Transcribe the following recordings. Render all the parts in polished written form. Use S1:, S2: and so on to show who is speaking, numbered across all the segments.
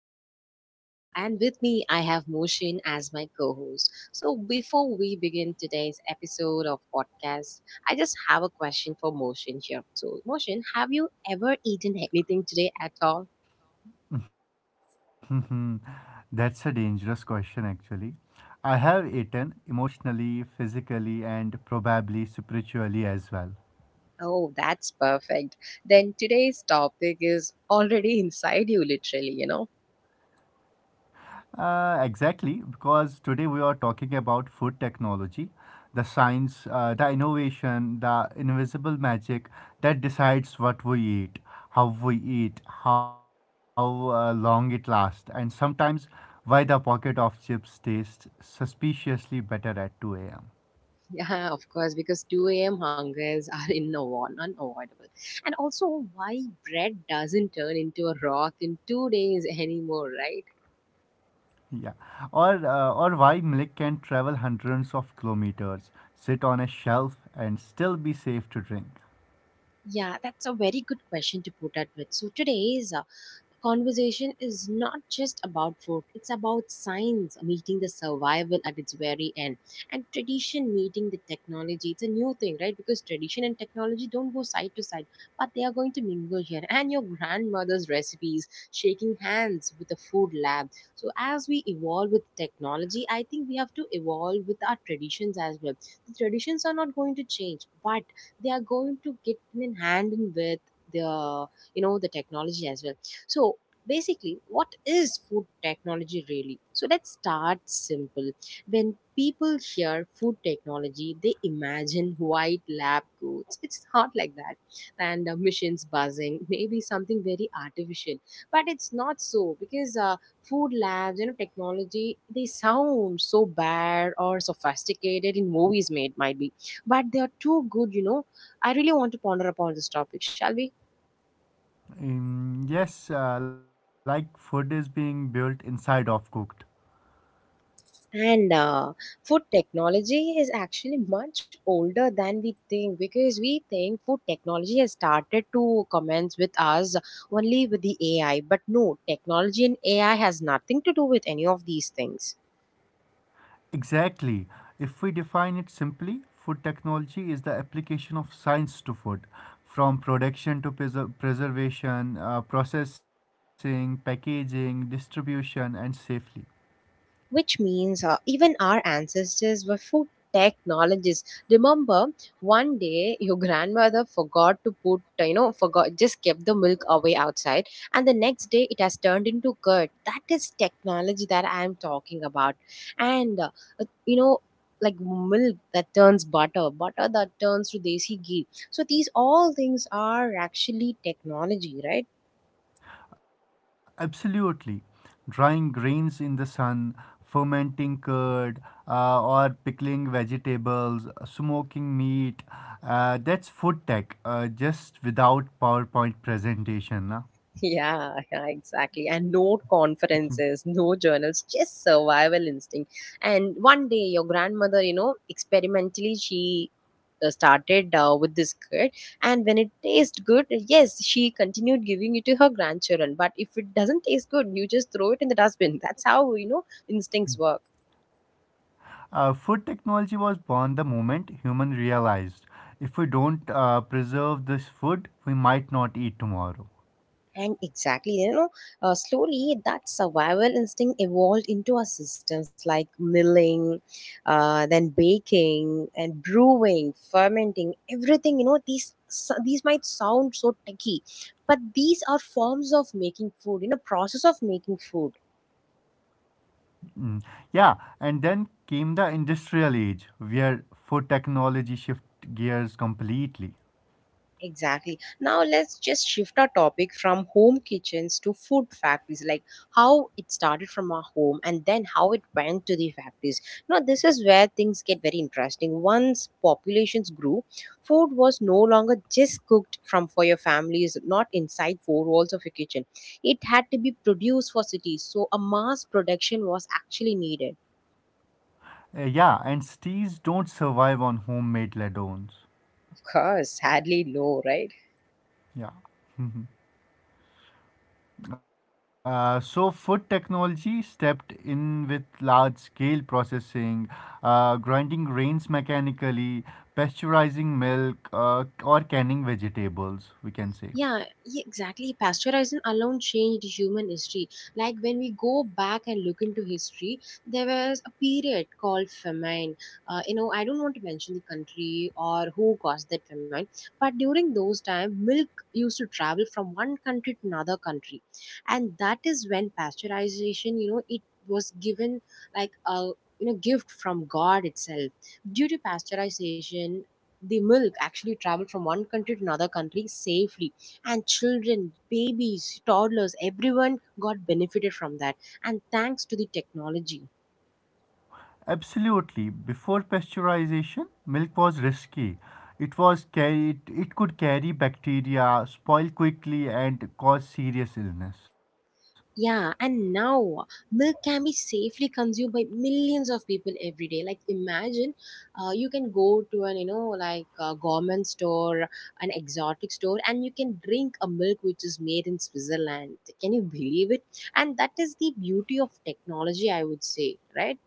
S1: your host Asha, and with me I have Moshin as my co-host. So before we begin today's episode of podcast, I just have a question for Moshin here. So Moshin, have you ever eaten anything today at all?
S2: Mhm. That's a dangerous question, actually. I have eaten emotionally, physically, and probably spiritually as well.
S1: Oh, that's perfect. Then today's topic is already inside you, literally.
S2: Exactly, because today we are talking about food technology, the science, the innovation, the invisible magic that decides what we eat, how we eat, how long it lasts, and sometimes why the pocket of chips tastes suspiciously better at 2 a.m.
S1: Yeah, of course, because 2 a.m. hungers are unavoidable. And also, why bread doesn't turn into a rock in 2 days anymore, right?
S2: Yeah, or why milk can travel hundreds of kilometers, sit on a shelf, and still be safe to drink.
S1: Yeah, that's a very good question to put up with. So today is conversation is not just about food, it's about science meeting the survival at its very end and tradition meeting the technology. It's a new thing, right? Because tradition and technology don't go side to side, but they are going to mingle here. And your grandmother's recipes, shaking hands with the food lab. So, as we evolve with technology, I think we have to evolve with our traditions as well. The traditions are not going to change, but they are going to get in hand in with the you know the technology as well. So, basically, what is food technology really? So, let's start simple. When people hear food technology, they imagine white lab coats. It's not like that. And machines buzzing, maybe something very artificial. But it's not so, because food labs, you know, technology, they sound so bad or sophisticated in movies made, might be. But they are too good, you know. I really want to ponder upon this topic, shall we?
S2: Yes, like food is being built inside of cooked.
S1: And food technology is actually much older than we think, because we think food technology has started to commence with us only with the AI. But no, technology and AI has nothing to do with any of these things.
S2: Exactly. If we define it simply, food technology is the application of science to food, from production to preservation, processing, packaging, distribution, and safely.
S1: Which means even our ancestors were food technologists. Remember, one day your grandmother forgot to put you know forgot just kept the milk away outside, and the next day it has turned into curd. That is technology that I am talking about. And uh, uh, you know like milk that turns butter, butter that turns to desi ghee, so these all things are actually technology, right?
S2: Absolutely. Drying grains in the sun, fermenting curd, or pickling vegetables, smoking meat. That's food tech, just without PowerPoint presentation. Na?
S1: Yeah, yeah, exactly. And no conferences, no journals, just survival instinct. And one day, your grandmother, you know, experimentally, she started with this kid. And when it tastes good, yes, she continued giving it to her grandchildren. But if it doesn't taste good, you just throw it in the dustbin. That's how, you know, instincts work.
S2: Food technology was born the moment human realized if we don't preserve this food, we might not eat tomorrow.
S1: And exactly, you know, slowly that survival instinct evolved into our systems like milling, then baking and brewing, fermenting, everything. You know, these might sound so techy, but these are forms of making food. You know, process of making food.
S2: Yeah, and then came the industrial age where food technology shift gears completely.
S1: Exactly. Now let's just shift our topic from home kitchens to food factories, like how it started from our home and then how it went to the factories. Now, this is where things get very interesting. Once populations grew, food was no longer just cooked from for your families, not inside four walls of a kitchen. It had to be produced for cities, so a mass production was actually needed.
S2: Yeah, and stees don't survive on homemade ladons.
S1: Of course, sadly low, right?
S2: Yeah. So food technology stepped in with large scale processing, grinding grains mechanically, pasteurizing milk, or canning vegetables, we can say.
S1: Exactly. Pasteurization alone changed human history. Like when we go back and look into history, there was a period called famine. You know, I don't want to mention the country or who caused that famine, but during those time, milk used to travel from one country to another country, and that is when pasteurization, you know, it was given like a gift from God itself. Due to pasteurization, the milk actually traveled from one country to another country safely, and children, babies, toddlers, everyone got benefited from that. And thanks to the technology.
S2: Absolutely. Before pasteurization, milk was risky. It was carried, it could carry bacteria, spoil quickly, and cause serious illness.
S1: Yeah, and now milk can be safely consumed by millions of people every day. Like imagine, you can go to an like a government store, an exotic store, and you can drink a milk which is made in Switzerland. Can you believe it? And that is the beauty of technology, I would say, right?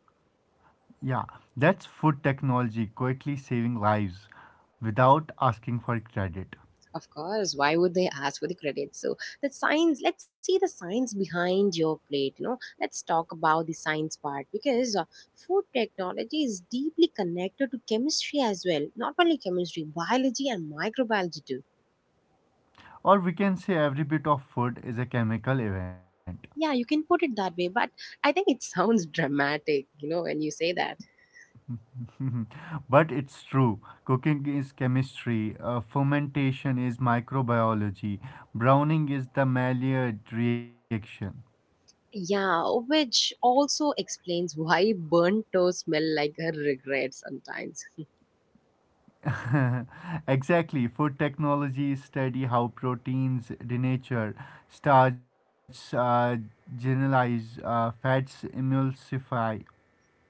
S2: Yeah, that's food technology quietly saving lives without asking for credit.
S1: Of course, why would they ask for the credit? So the science, let's see the science behind your plate. You know, let's talk about the science part, because food technology is deeply connected to chemistry as well. Not only chemistry, biology and microbiology too.
S2: Or we can say every bit of food is a chemical event.
S1: Yeah, you can put it that way, but I think it sounds dramatic, you know, when you say that.
S2: but it's true. Cooking is chemistry, fermentation is microbiology, browning is the Maillard reaction.
S1: Yeah, which also explains why burnt toast smell like a regret sometimes.
S2: exactly, food technology study how proteins denature, starch generalize, fats emulsify,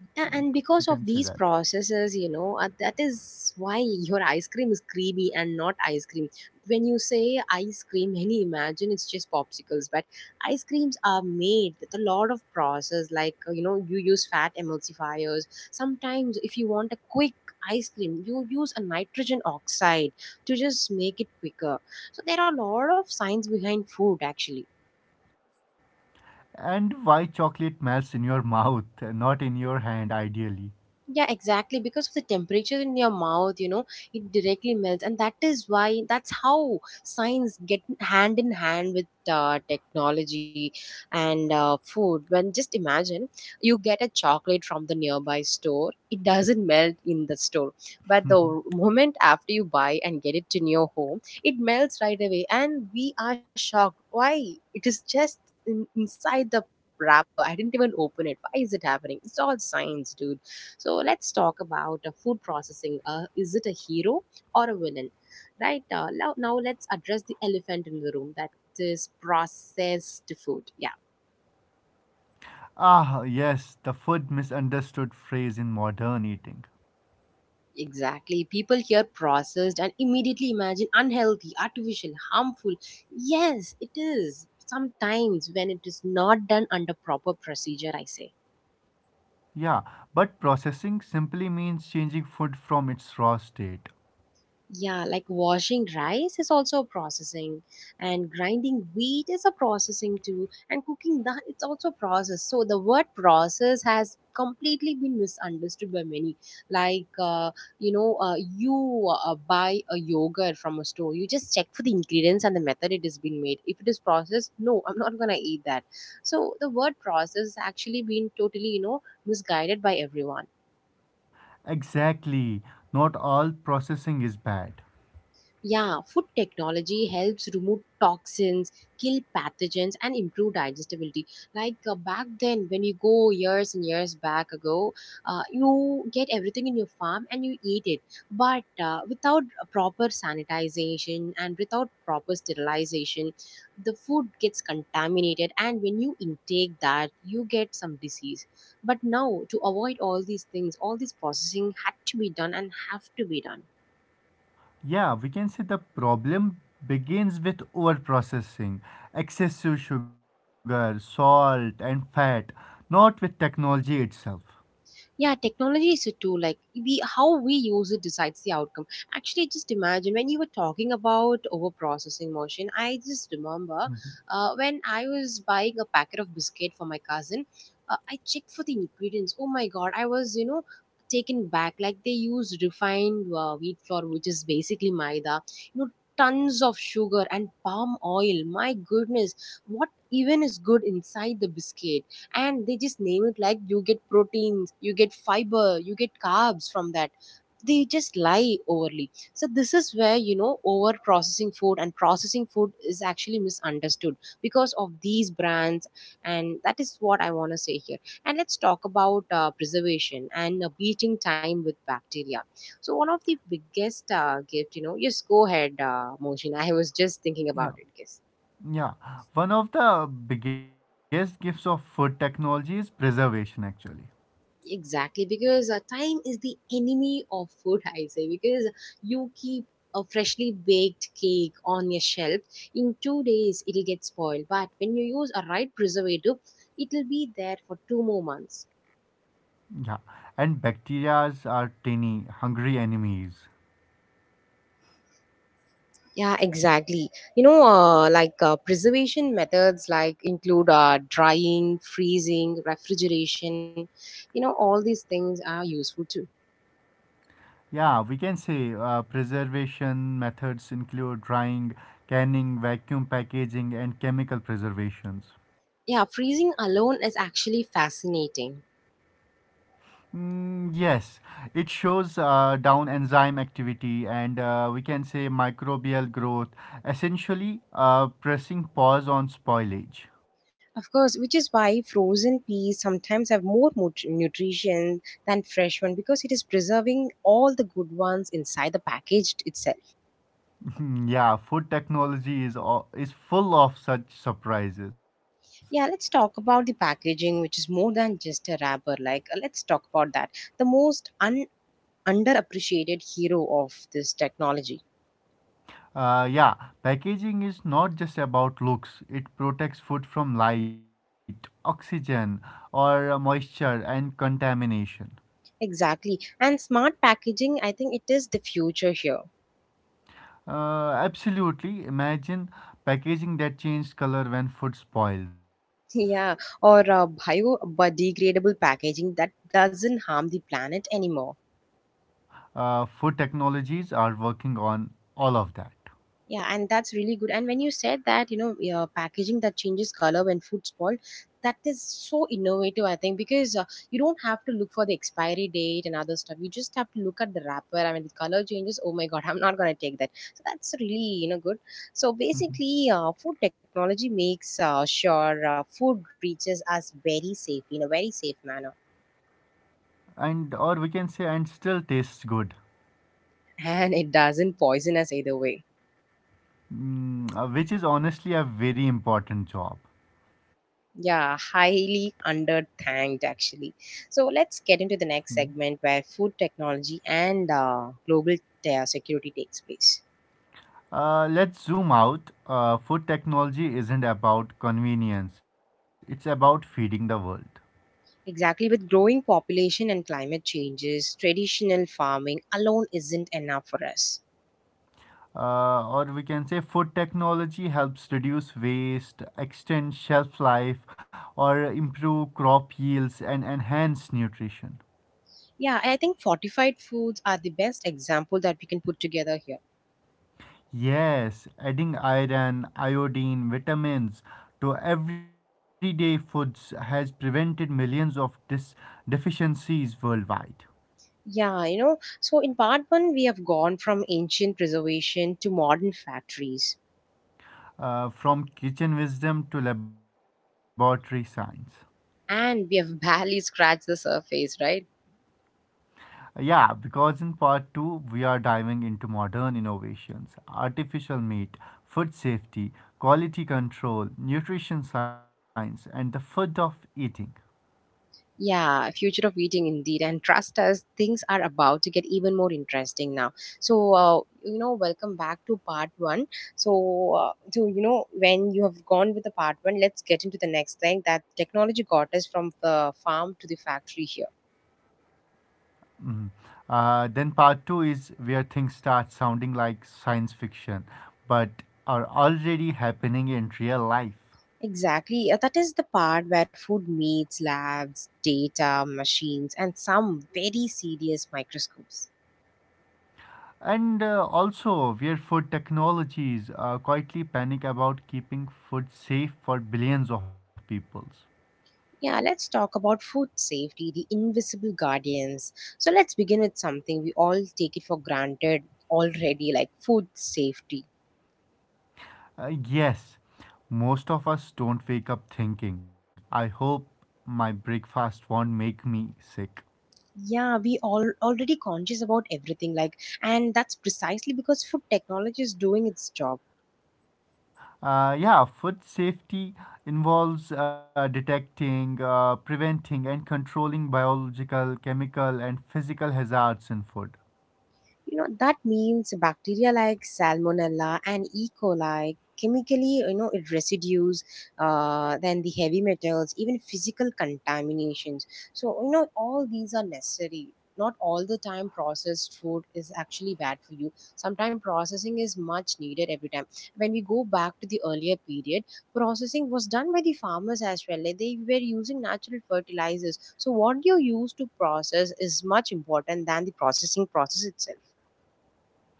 S2: like
S1: And
S2: we
S1: because
S2: can
S1: of
S2: say that.
S1: these processes, you know, that is why your ice cream is creamy and not ice cream. When you say ice cream, many imagine it's just popsicles, but ice creams are made with a lot of process, like you know, you use fat emulsifiers. Sometimes if you want a quick ice cream, you use a nitrogen oxide to just make it quicker. So there are a lot of science behind food, actually.
S2: And why chocolate melts in your mouth, not in your hand, ideally.
S1: Yeah, exactly. Because of the temperature in your mouth, you know, it directly melts. And that is why, that's how science get hand in hand with technology and food. When just imagine you get a chocolate from the nearby store, it doesn't melt in the store. But the moment after you buy and get it in your home, it melts right away. And we are shocked. Why? It is just inside the wrapper. I didn't even open it. Why is it happening? It's all science, dude. So let's talk about food processing. Is it a hero or a villain? Right, now, let's address the elephant in the room, that is processed food. Yeah,
S2: Ah, yes, the food misunderstood phrase in modern eating.
S1: exactly. People hear processed and immediately imagine unhealthy, artificial, harmful. Yes, it is. Sometimes when it is not done under proper procedure, I say.
S2: Yeah, but processing simply means changing food from its raw state.
S1: Yeah, like washing rice is also processing, and grinding wheat is a processing too, and cooking that it's also process. So the word process has completely been misunderstood by many. Like you know, you buy a yogurt from a store, you just check for the ingredients and the method it has been made. If it is processed, no, I'm not gonna eat that. So the word process has actually been totally, you know, misguided by everyone.
S2: Exactly, not all processing is bad.
S1: Yeah, food technology helps remove toxins, kill pathogens, and improve digestibility. Like back then, when you go years and years back ago, you get everything in your farm and you eat it. But without proper sanitization and without proper sterilization, the food gets contaminated. And when you intake that, you get some disease. But now, to avoid all these things, all this processing had to be done and have to be done.
S2: Yeah, we can say the problem begins with overprocessing, excessive sugar, salt, and fat, not with technology itself.
S1: Yeah, technology is a tool. Like, we how we use it decides the outcome. Actually, just imagine, when you were talking about over processing motion, I just remember, when I was buying a packet of biscuit for my cousin, I checked for the ingredients. Oh my God, I was, you know, taken back, like they use refined wheat flour, which is basically maida, you know, tons of sugar and palm oil. My goodness, what even is good inside the biscuit? And they just name it like you get proteins, you get fiber, you get carbs from that. They just lie overly. So this is where, you know, over processing food and processing food is actually misunderstood because of these brands. And that is what I want to say here. And let's talk about preservation and beating time with bacteria. So one of the biggest gift, you know, just go ahead, Mohsin. I was just thinking
S2: Yeah,
S1: about it, yes.
S2: Yeah, one of the biggest gifts of food technology is preservation, actually.
S1: Exactly, because time is the enemy of food, I say, because you keep a freshly baked cake on your shelf, in 2 days it'll get spoiled. But when you use a right preservative, it'll be there for two more months.
S2: Yeah, and bacterias are tiny, hungry enemies.
S1: Yeah, exactly. You know, preservation methods like include drying, freezing, refrigeration. You know, all these things are useful too.
S2: Yeah, we can say preservation methods include drying, canning, vacuum packaging, and chemical preservations.
S1: Yeah, freezing alone is actually fascinating.
S2: Mm, yes, it shows down enzyme activity and we can say microbial growth, essentially pressing pause on spoilage.
S1: Of course, which is why frozen peas sometimes have more nutrition than fresh one, because it is preserving all the good ones inside the packaged itself.
S2: Hmm, yeah, food technology is full of such surprises.
S1: Yeah, let's talk about the packaging, which is more than just a wrapper. Like, let's talk about that. The most underappreciated hero of this technology.
S2: Yeah, packaging is not just about looks. It protects food from light, oxygen, or moisture and contamination.
S1: Exactly. And smart packaging, I think it is the future here.
S2: Absolutely. Imagine packaging that changes color when food spoils.
S1: Yeah, or biodegradable packaging that doesn't harm the planet anymore.
S2: Food technologies are working on all of that,
S1: Yeah, and that's really good. And when you said that, yeah, packaging that changes color when food spoiled, that is so innovative, I think, because you don't have to look for the expiry date and other stuff. You just have to look at the wrapper. I mean, the color changes. Oh my God, I'm not going to take that. So that's really, good. So basically, food technology makes sure food reaches us very safe in a very safe manner.
S2: and or we can say, and still tastes good,
S1: And it doesn't poison us either way.
S2: mm, which is honestly a very important job.
S1: Yeah, highly underthanked actually. So let's get into the next segment where food technology and global security takes place.
S2: Let's zoom out. Food technology isn't about convenience, it's about feeding the world.
S1: Exactly, with growing population and climate changes, traditional farming alone isn't enough for us.
S2: Or we can say food technology helps reduce waste, extend shelf life, or improve crop yields and enhance nutrition.
S1: Yeah, I think fortified foods are the best example that we can put together here.
S2: Yes, adding iron, iodine, vitamins to everyday foods has prevented millions of deficiencies worldwide,
S1: Yeah, you know, so in part one, we have gone from ancient preservation to modern factories,
S2: from kitchen wisdom to laboratory science.
S1: and we have barely scratched the surface, right?
S2: Yeah, because in part 2, we are diving into modern innovations, artificial meat, food safety, quality control, nutrition science, and the food of eating.
S1: Yeah, future of eating indeed. And trust us, things are about to get even more interesting now. So, welcome back to part one. So, when you have gone with the part one, let's get into the next thing that technology got us from the farm to the factory here.
S2: Then part two is where things start sounding like science fiction, but are already happening in real life.
S1: Exactly. That is the part where food meets labs, data, machines, and some very serious microscopes.
S2: And also, where food technologies quietly panic about keeping food safe for billions of people.
S1: Yeah, let's talk about food safety, the invisible guardians. So let's begin with something we all take it for granted already, like food safety.
S2: Yes, most of us don't wake up thinking, I hope my breakfast won't make me sick.
S1: Yeah, we all already conscious about everything, like, and that's precisely because food technology is doing its job.
S2: Yeah, food safety involves detecting, preventing, and controlling biological, chemical, and physical hazards in food.
S1: You know, that means bacteria like Salmonella and E. coli chemically, it residues, then the heavy metals, even physical contaminations. So, all these are necessary. Not all the time processed food is actually bad for you. Sometimes processing is much needed every time. When we go back to the earlier period, processing was done by the farmers as well. Like they were using natural fertilizers. So what you use to process is much important than the processing process itself.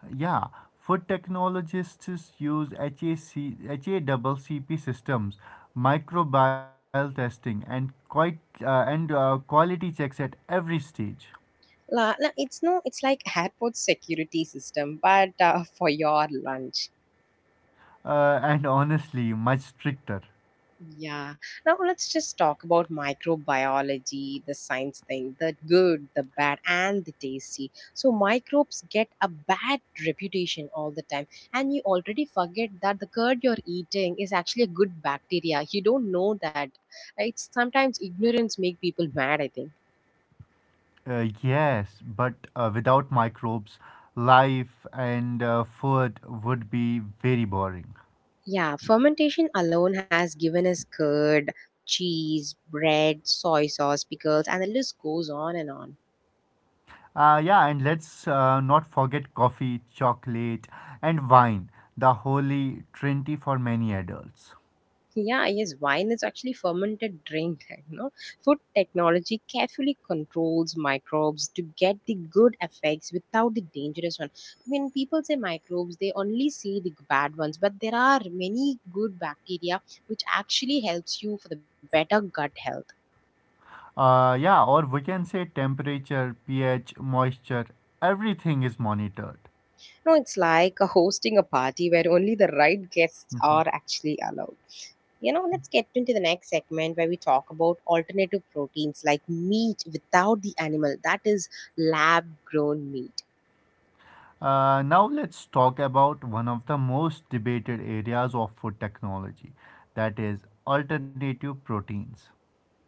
S2: Yeah, food technologists use HACCP systems, microbial testing, and quality checks at every stage.
S1: La, no, it's like airport security system, but for your lunch.
S2: And honestly, much stricter.
S1: Yeah. Now let's just talk about microbiology, the science thing, the good, the bad, and the tasty. So microbes get a bad reputation all the time, and you already forget that the curd you're eating is actually a good bacteria. You don't know that. It's sometimes ignorance make people mad. I think.
S2: Yes, but without microbes, life and food would be very boring.
S1: Yeah, fermentation alone has given us curd, cheese, bread, soy sauce, pickles, and the list goes on and on.
S2: Yeah, and let's not forget coffee, chocolate, and wine, the holy trinity for many adults.
S1: Yeah, yes, wine is actually fermented drink. You know, food technology carefully controls microbes to get the good effects without the dangerous one. When people say microbes, they only see the bad ones, but there are many good bacteria which actually helps you for the better gut health.
S2: Yeah, or we can say temperature, pH, moisture, everything is monitored.
S1: No, it's like hosting a party where only the right guests are actually allowed. You know, let's get into the next segment where we talk about alternative proteins like meat without the animal, that is lab grown meat.
S2: Now let's talk about one of the most debated areas of food technology, that is alternative proteins.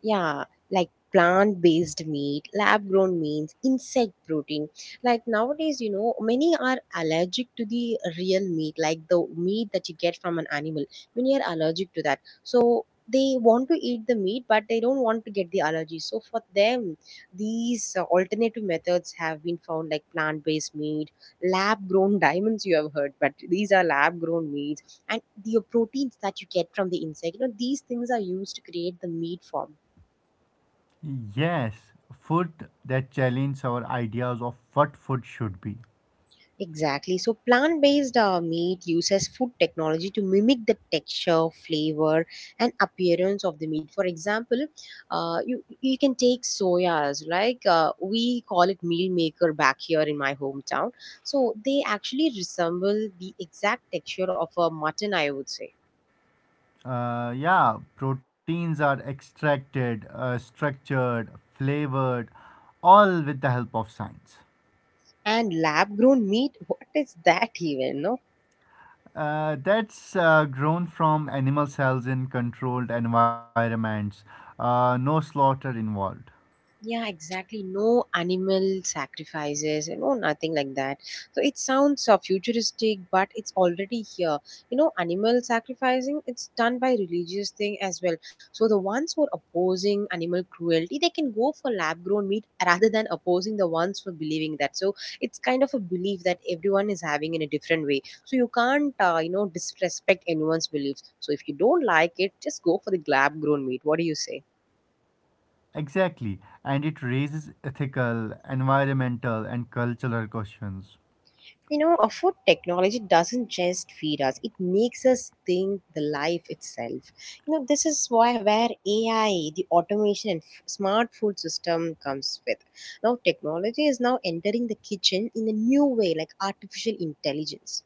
S1: Yeah, like plant based meat, lab grown meats, insect protein. Like nowadays, you know, many are allergic to the real meat, like the meat that you get from an animal. Many are allergic to that, so they want to eat the meat but they don't want to get the allergy. So for them, these alternative methods have been found, like plant based meat, lab grown diamonds you have heard, but these are lab grown meats and the proteins that you get from the insect. You know, these things are used to create the meat form.
S2: Yes, food that challenge our ideas of what food should be.
S1: Exactly. So, plant based meat uses food technology to mimic the texture, flavor, and appearance of the meat. For example, you can take soyas, like we call it meal maker back here in my hometown. So, they actually resemble the exact texture of a mutton, I would say.
S2: Yeah, proteins are extracted, structured, flavored, all with the help of science.
S1: And lab grown meat, what is that even? No?
S2: That's grown from animal cells in controlled environments, no slaughter involved.
S1: Yeah, exactly. No animal sacrifices, you know, nothing like that. So it sounds futuristic, but it's already here. You know, animal sacrificing, it's done by religious thing as well. So the ones who are opposing animal cruelty, they can go for lab grown meat rather than opposing the ones for believing that. So it's kind of a belief that everyone is having in a different way. So you can't, disrespect anyone's beliefs. So if you don't like it, just go for the lab grown meat. What do you say?
S2: Exactly, and it raises ethical, environmental, and cultural questions.
S1: You know, a food technology doesn't just feed us, it makes us think the life itself. You know, this is why where AI, the automation and smart food system comes with. Now technology is now entering the kitchen in a new way like artificial intelligence.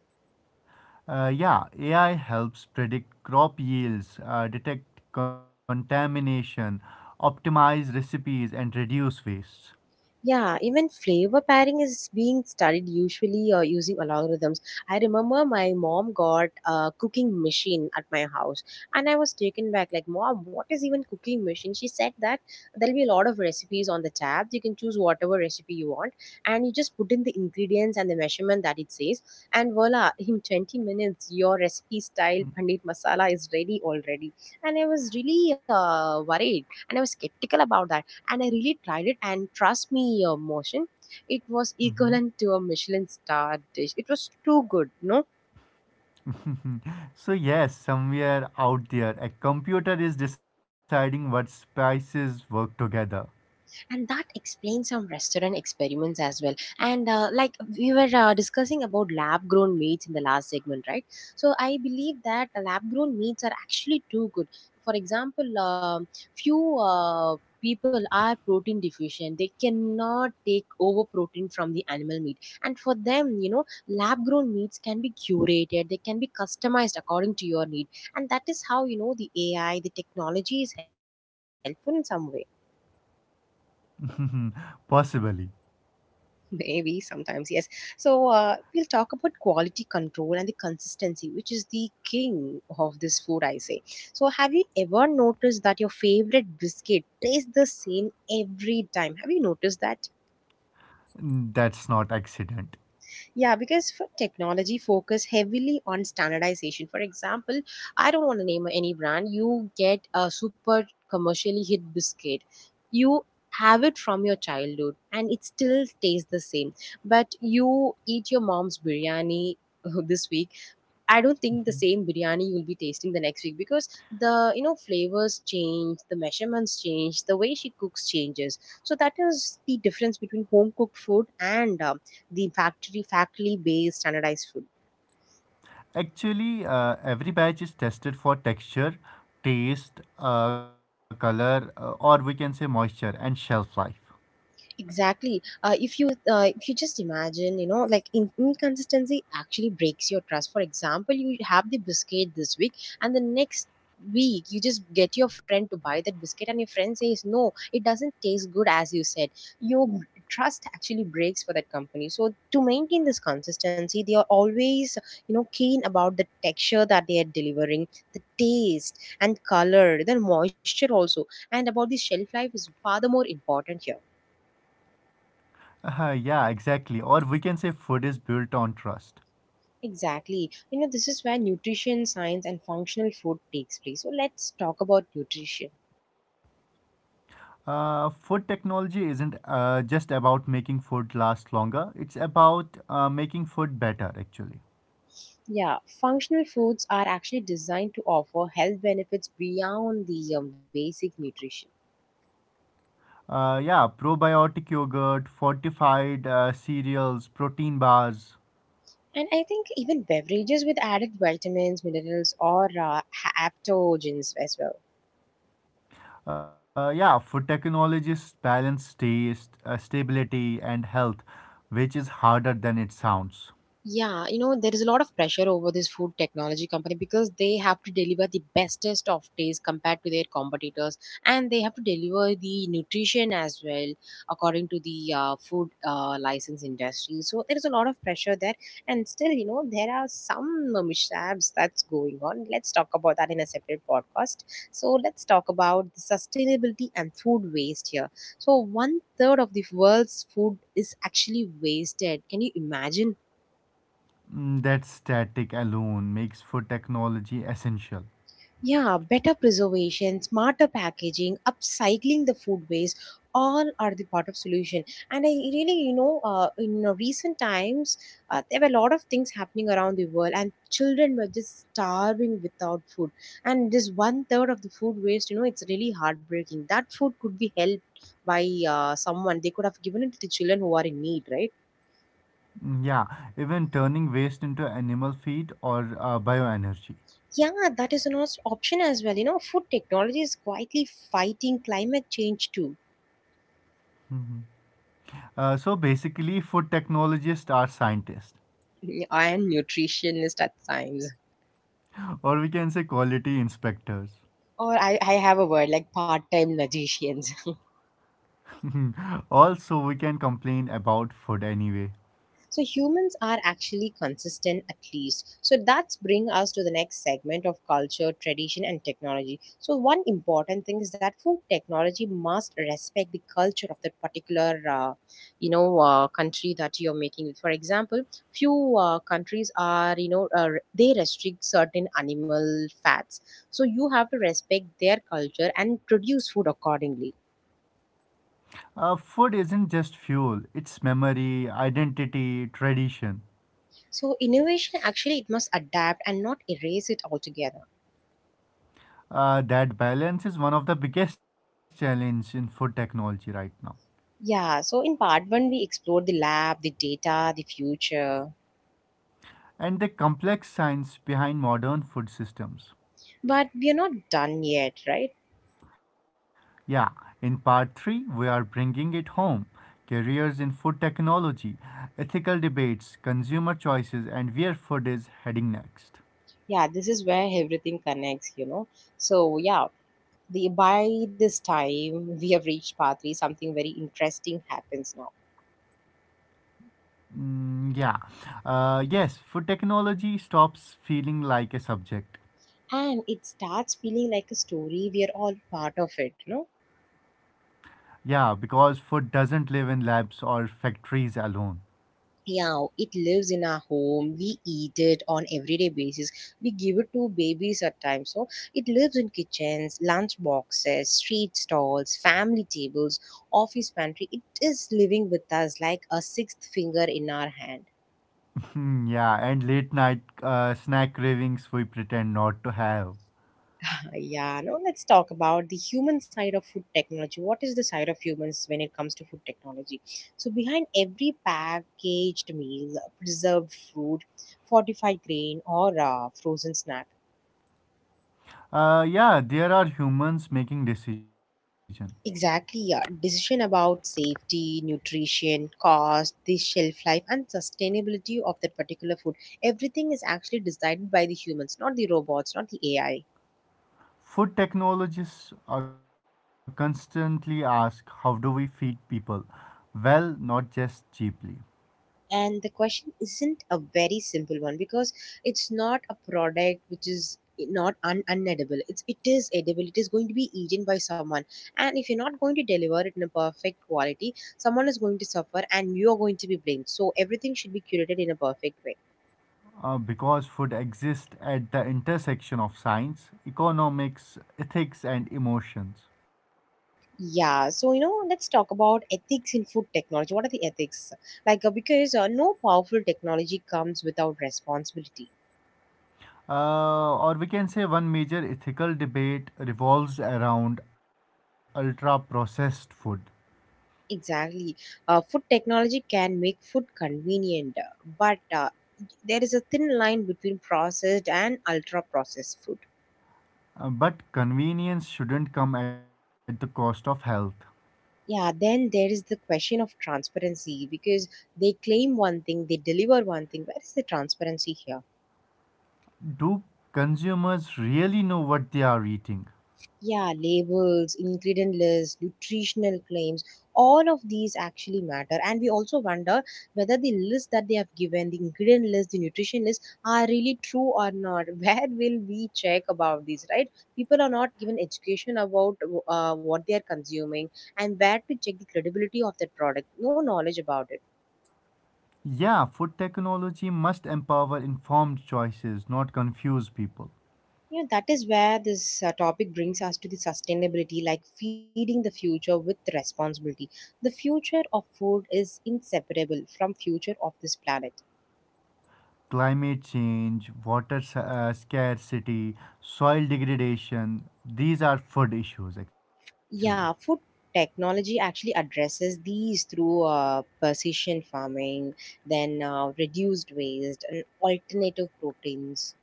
S2: Yeah, AI helps predict crop yields, detect contamination, optimize recipes, and reduce waste.
S1: Yeah, even flavor pairing is being studied usually using algorithms. I remember my mom got a cooking machine at my house and I was taken back like mom, what is even cooking machine? She said that there'll be a lot of recipes on the tab. You can choose whatever recipe you want and you just put in the ingredients and the measurement that it says, and voila, in 20 minutes your recipe style paneer masala is ready already. And I was really worried and I was skeptical about that, and I really tried it. And trust me, your motion, it was
S2: Mhm.
S1: equivalent to a Michelin star dish. It was too good, no?
S2: so, yes, somewhere out there, a computer is deciding what spices work together.
S1: And that explains some restaurant experiments as well, and like we were discussing about lab grown meats in the last segment, right? So I believe that lab grown meats are actually too good. For example, few uh, people are protein deficient, they cannot take over protein from the animal meat, and for them, you know, lab grown meats can be curated, they can be customized according to your need. And that is how, you know, the AI, the technology is helpful in some way.
S2: Possibly.
S1: Maybe sometimes, yes. So we'll talk about quality control and the consistency, which is the king of this food, I say. So, have you ever noticed that your favorite biscuit tastes the same every time? Have you noticed that?
S2: That's not accident.
S1: Yeah, because for technology focus heavily on standardization. For example, I don't want to name any brand. You get a super commercially hit biscuit. You have it from your childhood and it still tastes the same. But you eat your mom's biryani this week, I don't think the same biryani you'll be tasting the next week, because the, you know, flavors change, the measurements change, the way she cooks changes. So that is the difference between home cooked food and the factory based standardized food.
S2: Actually, every batch is tested for texture, taste, color, or we can say moisture and shelf life.
S1: Exactly. If you just imagine, you know, like inconsistency actually breaks your trust. For example, you have the biscuit this week, and the next week you just get your friend to buy that biscuit, and your friend says no, it doesn't taste good as you said. Your trust actually breaks for that company. So to maintain this consistency, they are always, you know, keen about the texture that they are delivering, the taste and color, the moisture also, and about the shelf life is far the more important here.
S2: Yeah, exactly. Or we can say food is built on trust.
S1: Exactly. You know, this is where nutrition science and functional food takes place. So let's talk about nutrition.
S2: Food technology isn't just about making food last longer, it's about making food better, actually.
S1: Yeah, functional foods are actually designed to offer health benefits beyond the basic nutrition.
S2: Yeah, probiotic yogurt, fortified cereals, protein bars.
S1: And I think even beverages with added vitamins, minerals, or aptogens as well.
S2: Yeah, food technologists balance taste, stability, and health, which is harder than it sounds.
S1: Yeah, you know, there is a lot of pressure over this food technology company because they have to deliver the bestest of taste compared to their competitors, and they have to deliver the nutrition as well according to the food license industry. So there is a lot of pressure there, and still, you know, there are some mishaps that's going on. Let's talk about that in a separate podcast. So let's talk about the sustainability and food waste here. So one third of the world's food is actually wasted. Can you imagine?
S2: Mm, that static alone makes food technology essential.
S1: Yeah, better preservation, smarter packaging, upcycling the food waste, all are the part of solution. And I really, you know, in recent times, there were a lot of things happening around the world, and children were just starving without food. And this one third of the food waste, you know, it's really heartbreaking. That food could be helped by someone. They could have given it to the children who are in need, right?
S2: Mm, yeah, even turning waste into animal feed or bioenergy.
S1: Yeah, that is an option as well. You know, food technology is quietly fighting climate change too.
S2: So basically, food technologists are scientists,
S1: I am nutritionist at times.
S2: or we can say quality inspectors.
S1: Or I have a word like part time magicians.
S2: also, we can complain about food anyway.
S1: So humans are actually consistent at least. So that's bring us to the next segment of culture, tradition and technology. So one important thing is that food technology must respect the culture of that particular country that you're making it. For example, few countries are they restrict certain animal fats. So you have to respect their culture and produce food accordingly.
S2: Food isn't just fuel, it's memory, identity, tradition.
S1: So innovation actually it must adapt and not erase it altogether.
S2: That balance is one of the biggest challenges in food technology right now.
S1: Yeah, so in part one, we explored the lab, the data, the future,
S2: And the complex science behind modern food systems.
S1: but we are not done yet, right?
S2: Yeah, in part 3, we are bringing it home careers in food technology, ethical debates, consumer choices, and where food is heading next.
S1: Yeah, this is where everything connects, you know. So, yeah, by this time, we have reached part three, something very interesting happens now.
S2: Mm, yeah, yes, food technology stops feeling like a subject.
S1: And it starts feeling like a story. We are all part of it, you know.
S2: Yeah, because food doesn't live in labs or factories alone.
S1: Yeah, it lives in our home, we eat it on everyday basis, we give it to babies at times. So it lives in kitchens, lunch boxes, street stalls, family tables, office pantry. It is living with us like a sixth finger in our hand.
S2: Hmm, yeah, and late night snack cravings we pretend not to have.
S1: Yeah, now let's talk about the human side of food technology. What is the side of humans when it comes to food technology? So behind every packaged meal, preserved fruit, fortified grain or frozen snack.
S2: Yeah, there are humans making decision.
S1: Exactly, yeah. Decision about safety, nutrition, cost, the shelf life, and sustainability of that particular food. Everything is actually decided by the humans, not the robots, not the AI.
S2: Food technologists constantly ask how do we feed people? Well, not just cheaply.
S1: And the question isn't a very simple one, because it's not a product which is not unedible. It is edible. It is going to be eaten by someone. And if you're not going to deliver it in a perfect quality, someone is going to suffer and you're going to be blamed. So everything should be curated in a perfect way.
S2: Because food exists at the intersection of science, economics, ethics, and emotions.
S1: Yeah, so you know, let's talk about ethics in food technology. What are the ethics? Like, because no powerful technology comes without responsibility.
S2: Or we can say one major ethical debate revolves around ultra processed food.
S1: Exactly. Food technology can make food convenient, but there is a thin line between processed and ultra processed food.
S2: But convenience shouldn't come at the cost of health.
S1: Yeah, then there is the question of transparency, because they claim one thing, they deliver one thing. Where is the transparency here?
S2: Do consumers really know what they are eating?
S1: Yeah, labels, ingredient lists, nutritional claims, all of these actually matter. And we also wonder whether the list that they have given, the ingredient list, the nutrition list, are really true or not. Where will we check about this, right? People are not given education about what they are consuming and where to check the credibility of that product. No knowledge about it.
S2: Yeah, food technology must empower informed choices, not confuse people.
S1: Yeah, that is where this topic brings us to the sustainability, like feeding the future with responsibility. The future of food is inseparable from future of this planet.
S2: Climate change, water scarcity, soil degradation, these are food issues actually.
S1: Yeah, food technology actually addresses these through precision farming, then reduced waste and alternative proteins.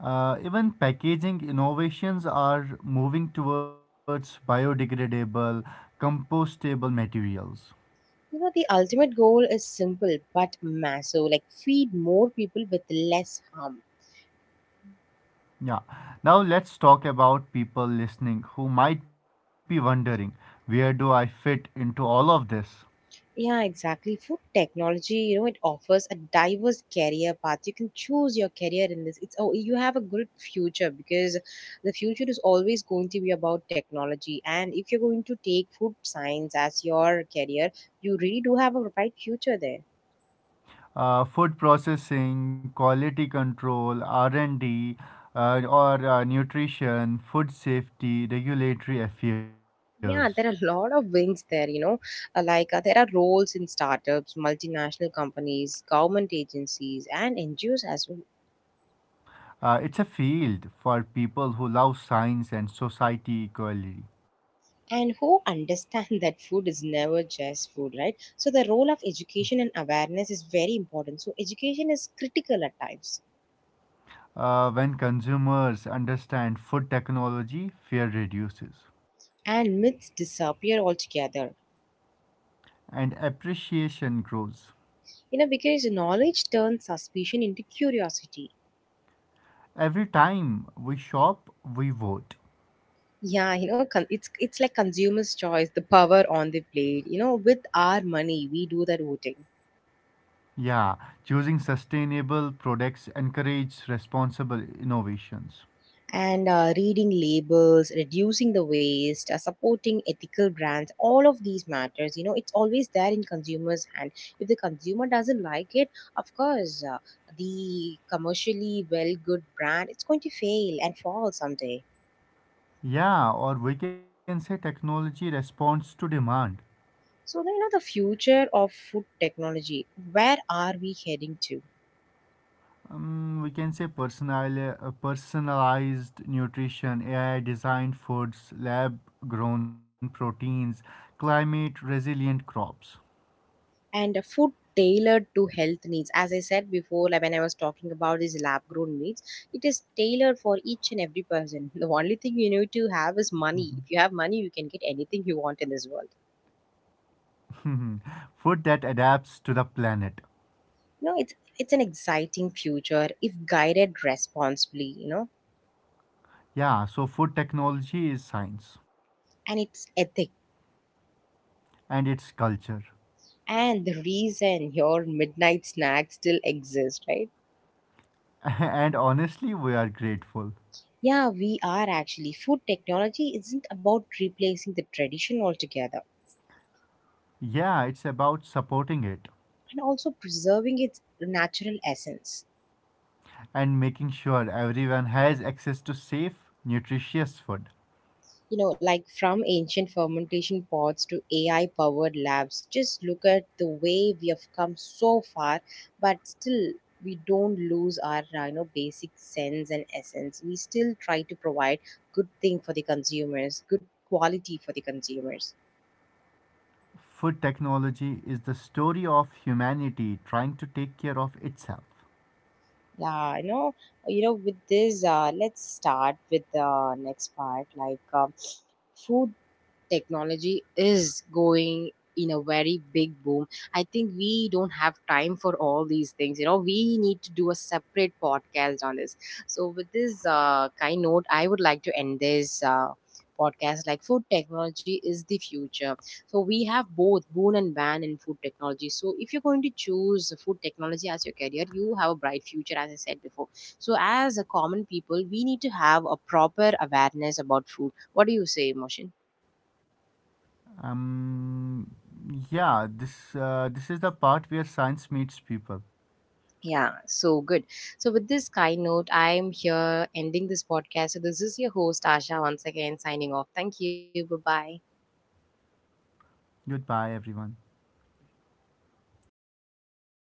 S2: Even packaging innovations are moving towards biodegradable, compostable materials.
S1: You know, the ultimate goal is simple but massive, like feed more people with less harm.
S2: Yeah. Now let's talk about people listening who might be wondering where do I fit into all of this?
S1: Yeah, exactly. Food technology, you know, it offers a diverse career path. You can choose your career in this. It's oh, you have a good future, because the future is always going to be about technology. And if you're going to take food science as your career, you really do have a bright future there.
S2: Food processing, quality control, R&D, or nutrition, food safety, regulatory affairs.
S1: Yeah, there are a lot of wings there, you know. Like there are roles in startups, multinational companies, government agencies, and NGOs as well.
S2: It's a field for people who love science and society equally.
S1: And who understand that food is never just food, right? So the role of education and awareness is very important. So education is critical at times,
S2: When consumers understand food technology, fear reduces
S1: and myths disappear altogether.
S2: and appreciation grows.
S1: You know, because knowledge turns suspicion into curiosity.
S2: Every time we shop, we vote.
S1: Yeah, you know, it's like consumers choice, the power on the plate, you know. With our money we do that voting.
S2: Yeah, choosing sustainable products encourages responsible innovations.
S1: And reading labels, reducing the waste, supporting ethical brands, all of these matters, you know. It's always there in consumers hand. If the consumer doesn't like it, of course the commercially well good brand it's going to fail and fall someday.
S2: Yeah, or we can say technology responds to demand.
S1: So you know, the future of food technology, where are we heading to?
S2: We can say personalized nutrition, AI designed foods, lab grown proteins, climate resilient crops.
S1: And a food tailored to health needs, as I said before, like when I was talking about these lab grown meats, it is tailored for each and every person. The only thing you need to have is money. If you have money, you can get anything you want in this world.
S2: Mhm. Food that adapts to the planet.
S1: You know, it's an exciting future if guided responsibly, you know.
S2: Yeah, so food technology is science
S1: And it's ethic,
S2: and it's culture.
S1: and the reason your midnight snack still exists, right?
S2: and honestly, we are grateful.
S1: Yeah, we are actually. Food technology isn't about replacing the tradition altogether,
S2: Yeah, it's about supporting it
S1: and also preserving its natural essence.
S2: and making sure everyone has access to safe, nutritious food.
S1: You know, like from ancient fermentation pots to AI powered labs, just look at the way we have come so far, but still we don't lose our basic sense and essence. We still try to provide good thing for the consumers, good quality for the consumers.
S2: Food technology is the story of humanity trying to take care of itself.
S1: Yeah, you know. You know, with this let's start with the next part. Like food technology is going in a very big boom. I think we don't have time for all these things, you know. We need to do a separate podcast on this. So with this kind note I would like to end this podcast. Like food technology is the future. So we have both boon and ban in food technology. So if you're going to choose food technology as your career, you have a bright future, as I said before. So as a common people we need to have a proper awareness about food. What do you say, motion?
S2: Um, this is the part where science meets people.
S1: Yeah, so good. So, with this kind note, I'm here ending this podcast. So, this is your host, Asha, once again signing off. Thank you. Bye bye.
S2: Goodbye, everyone.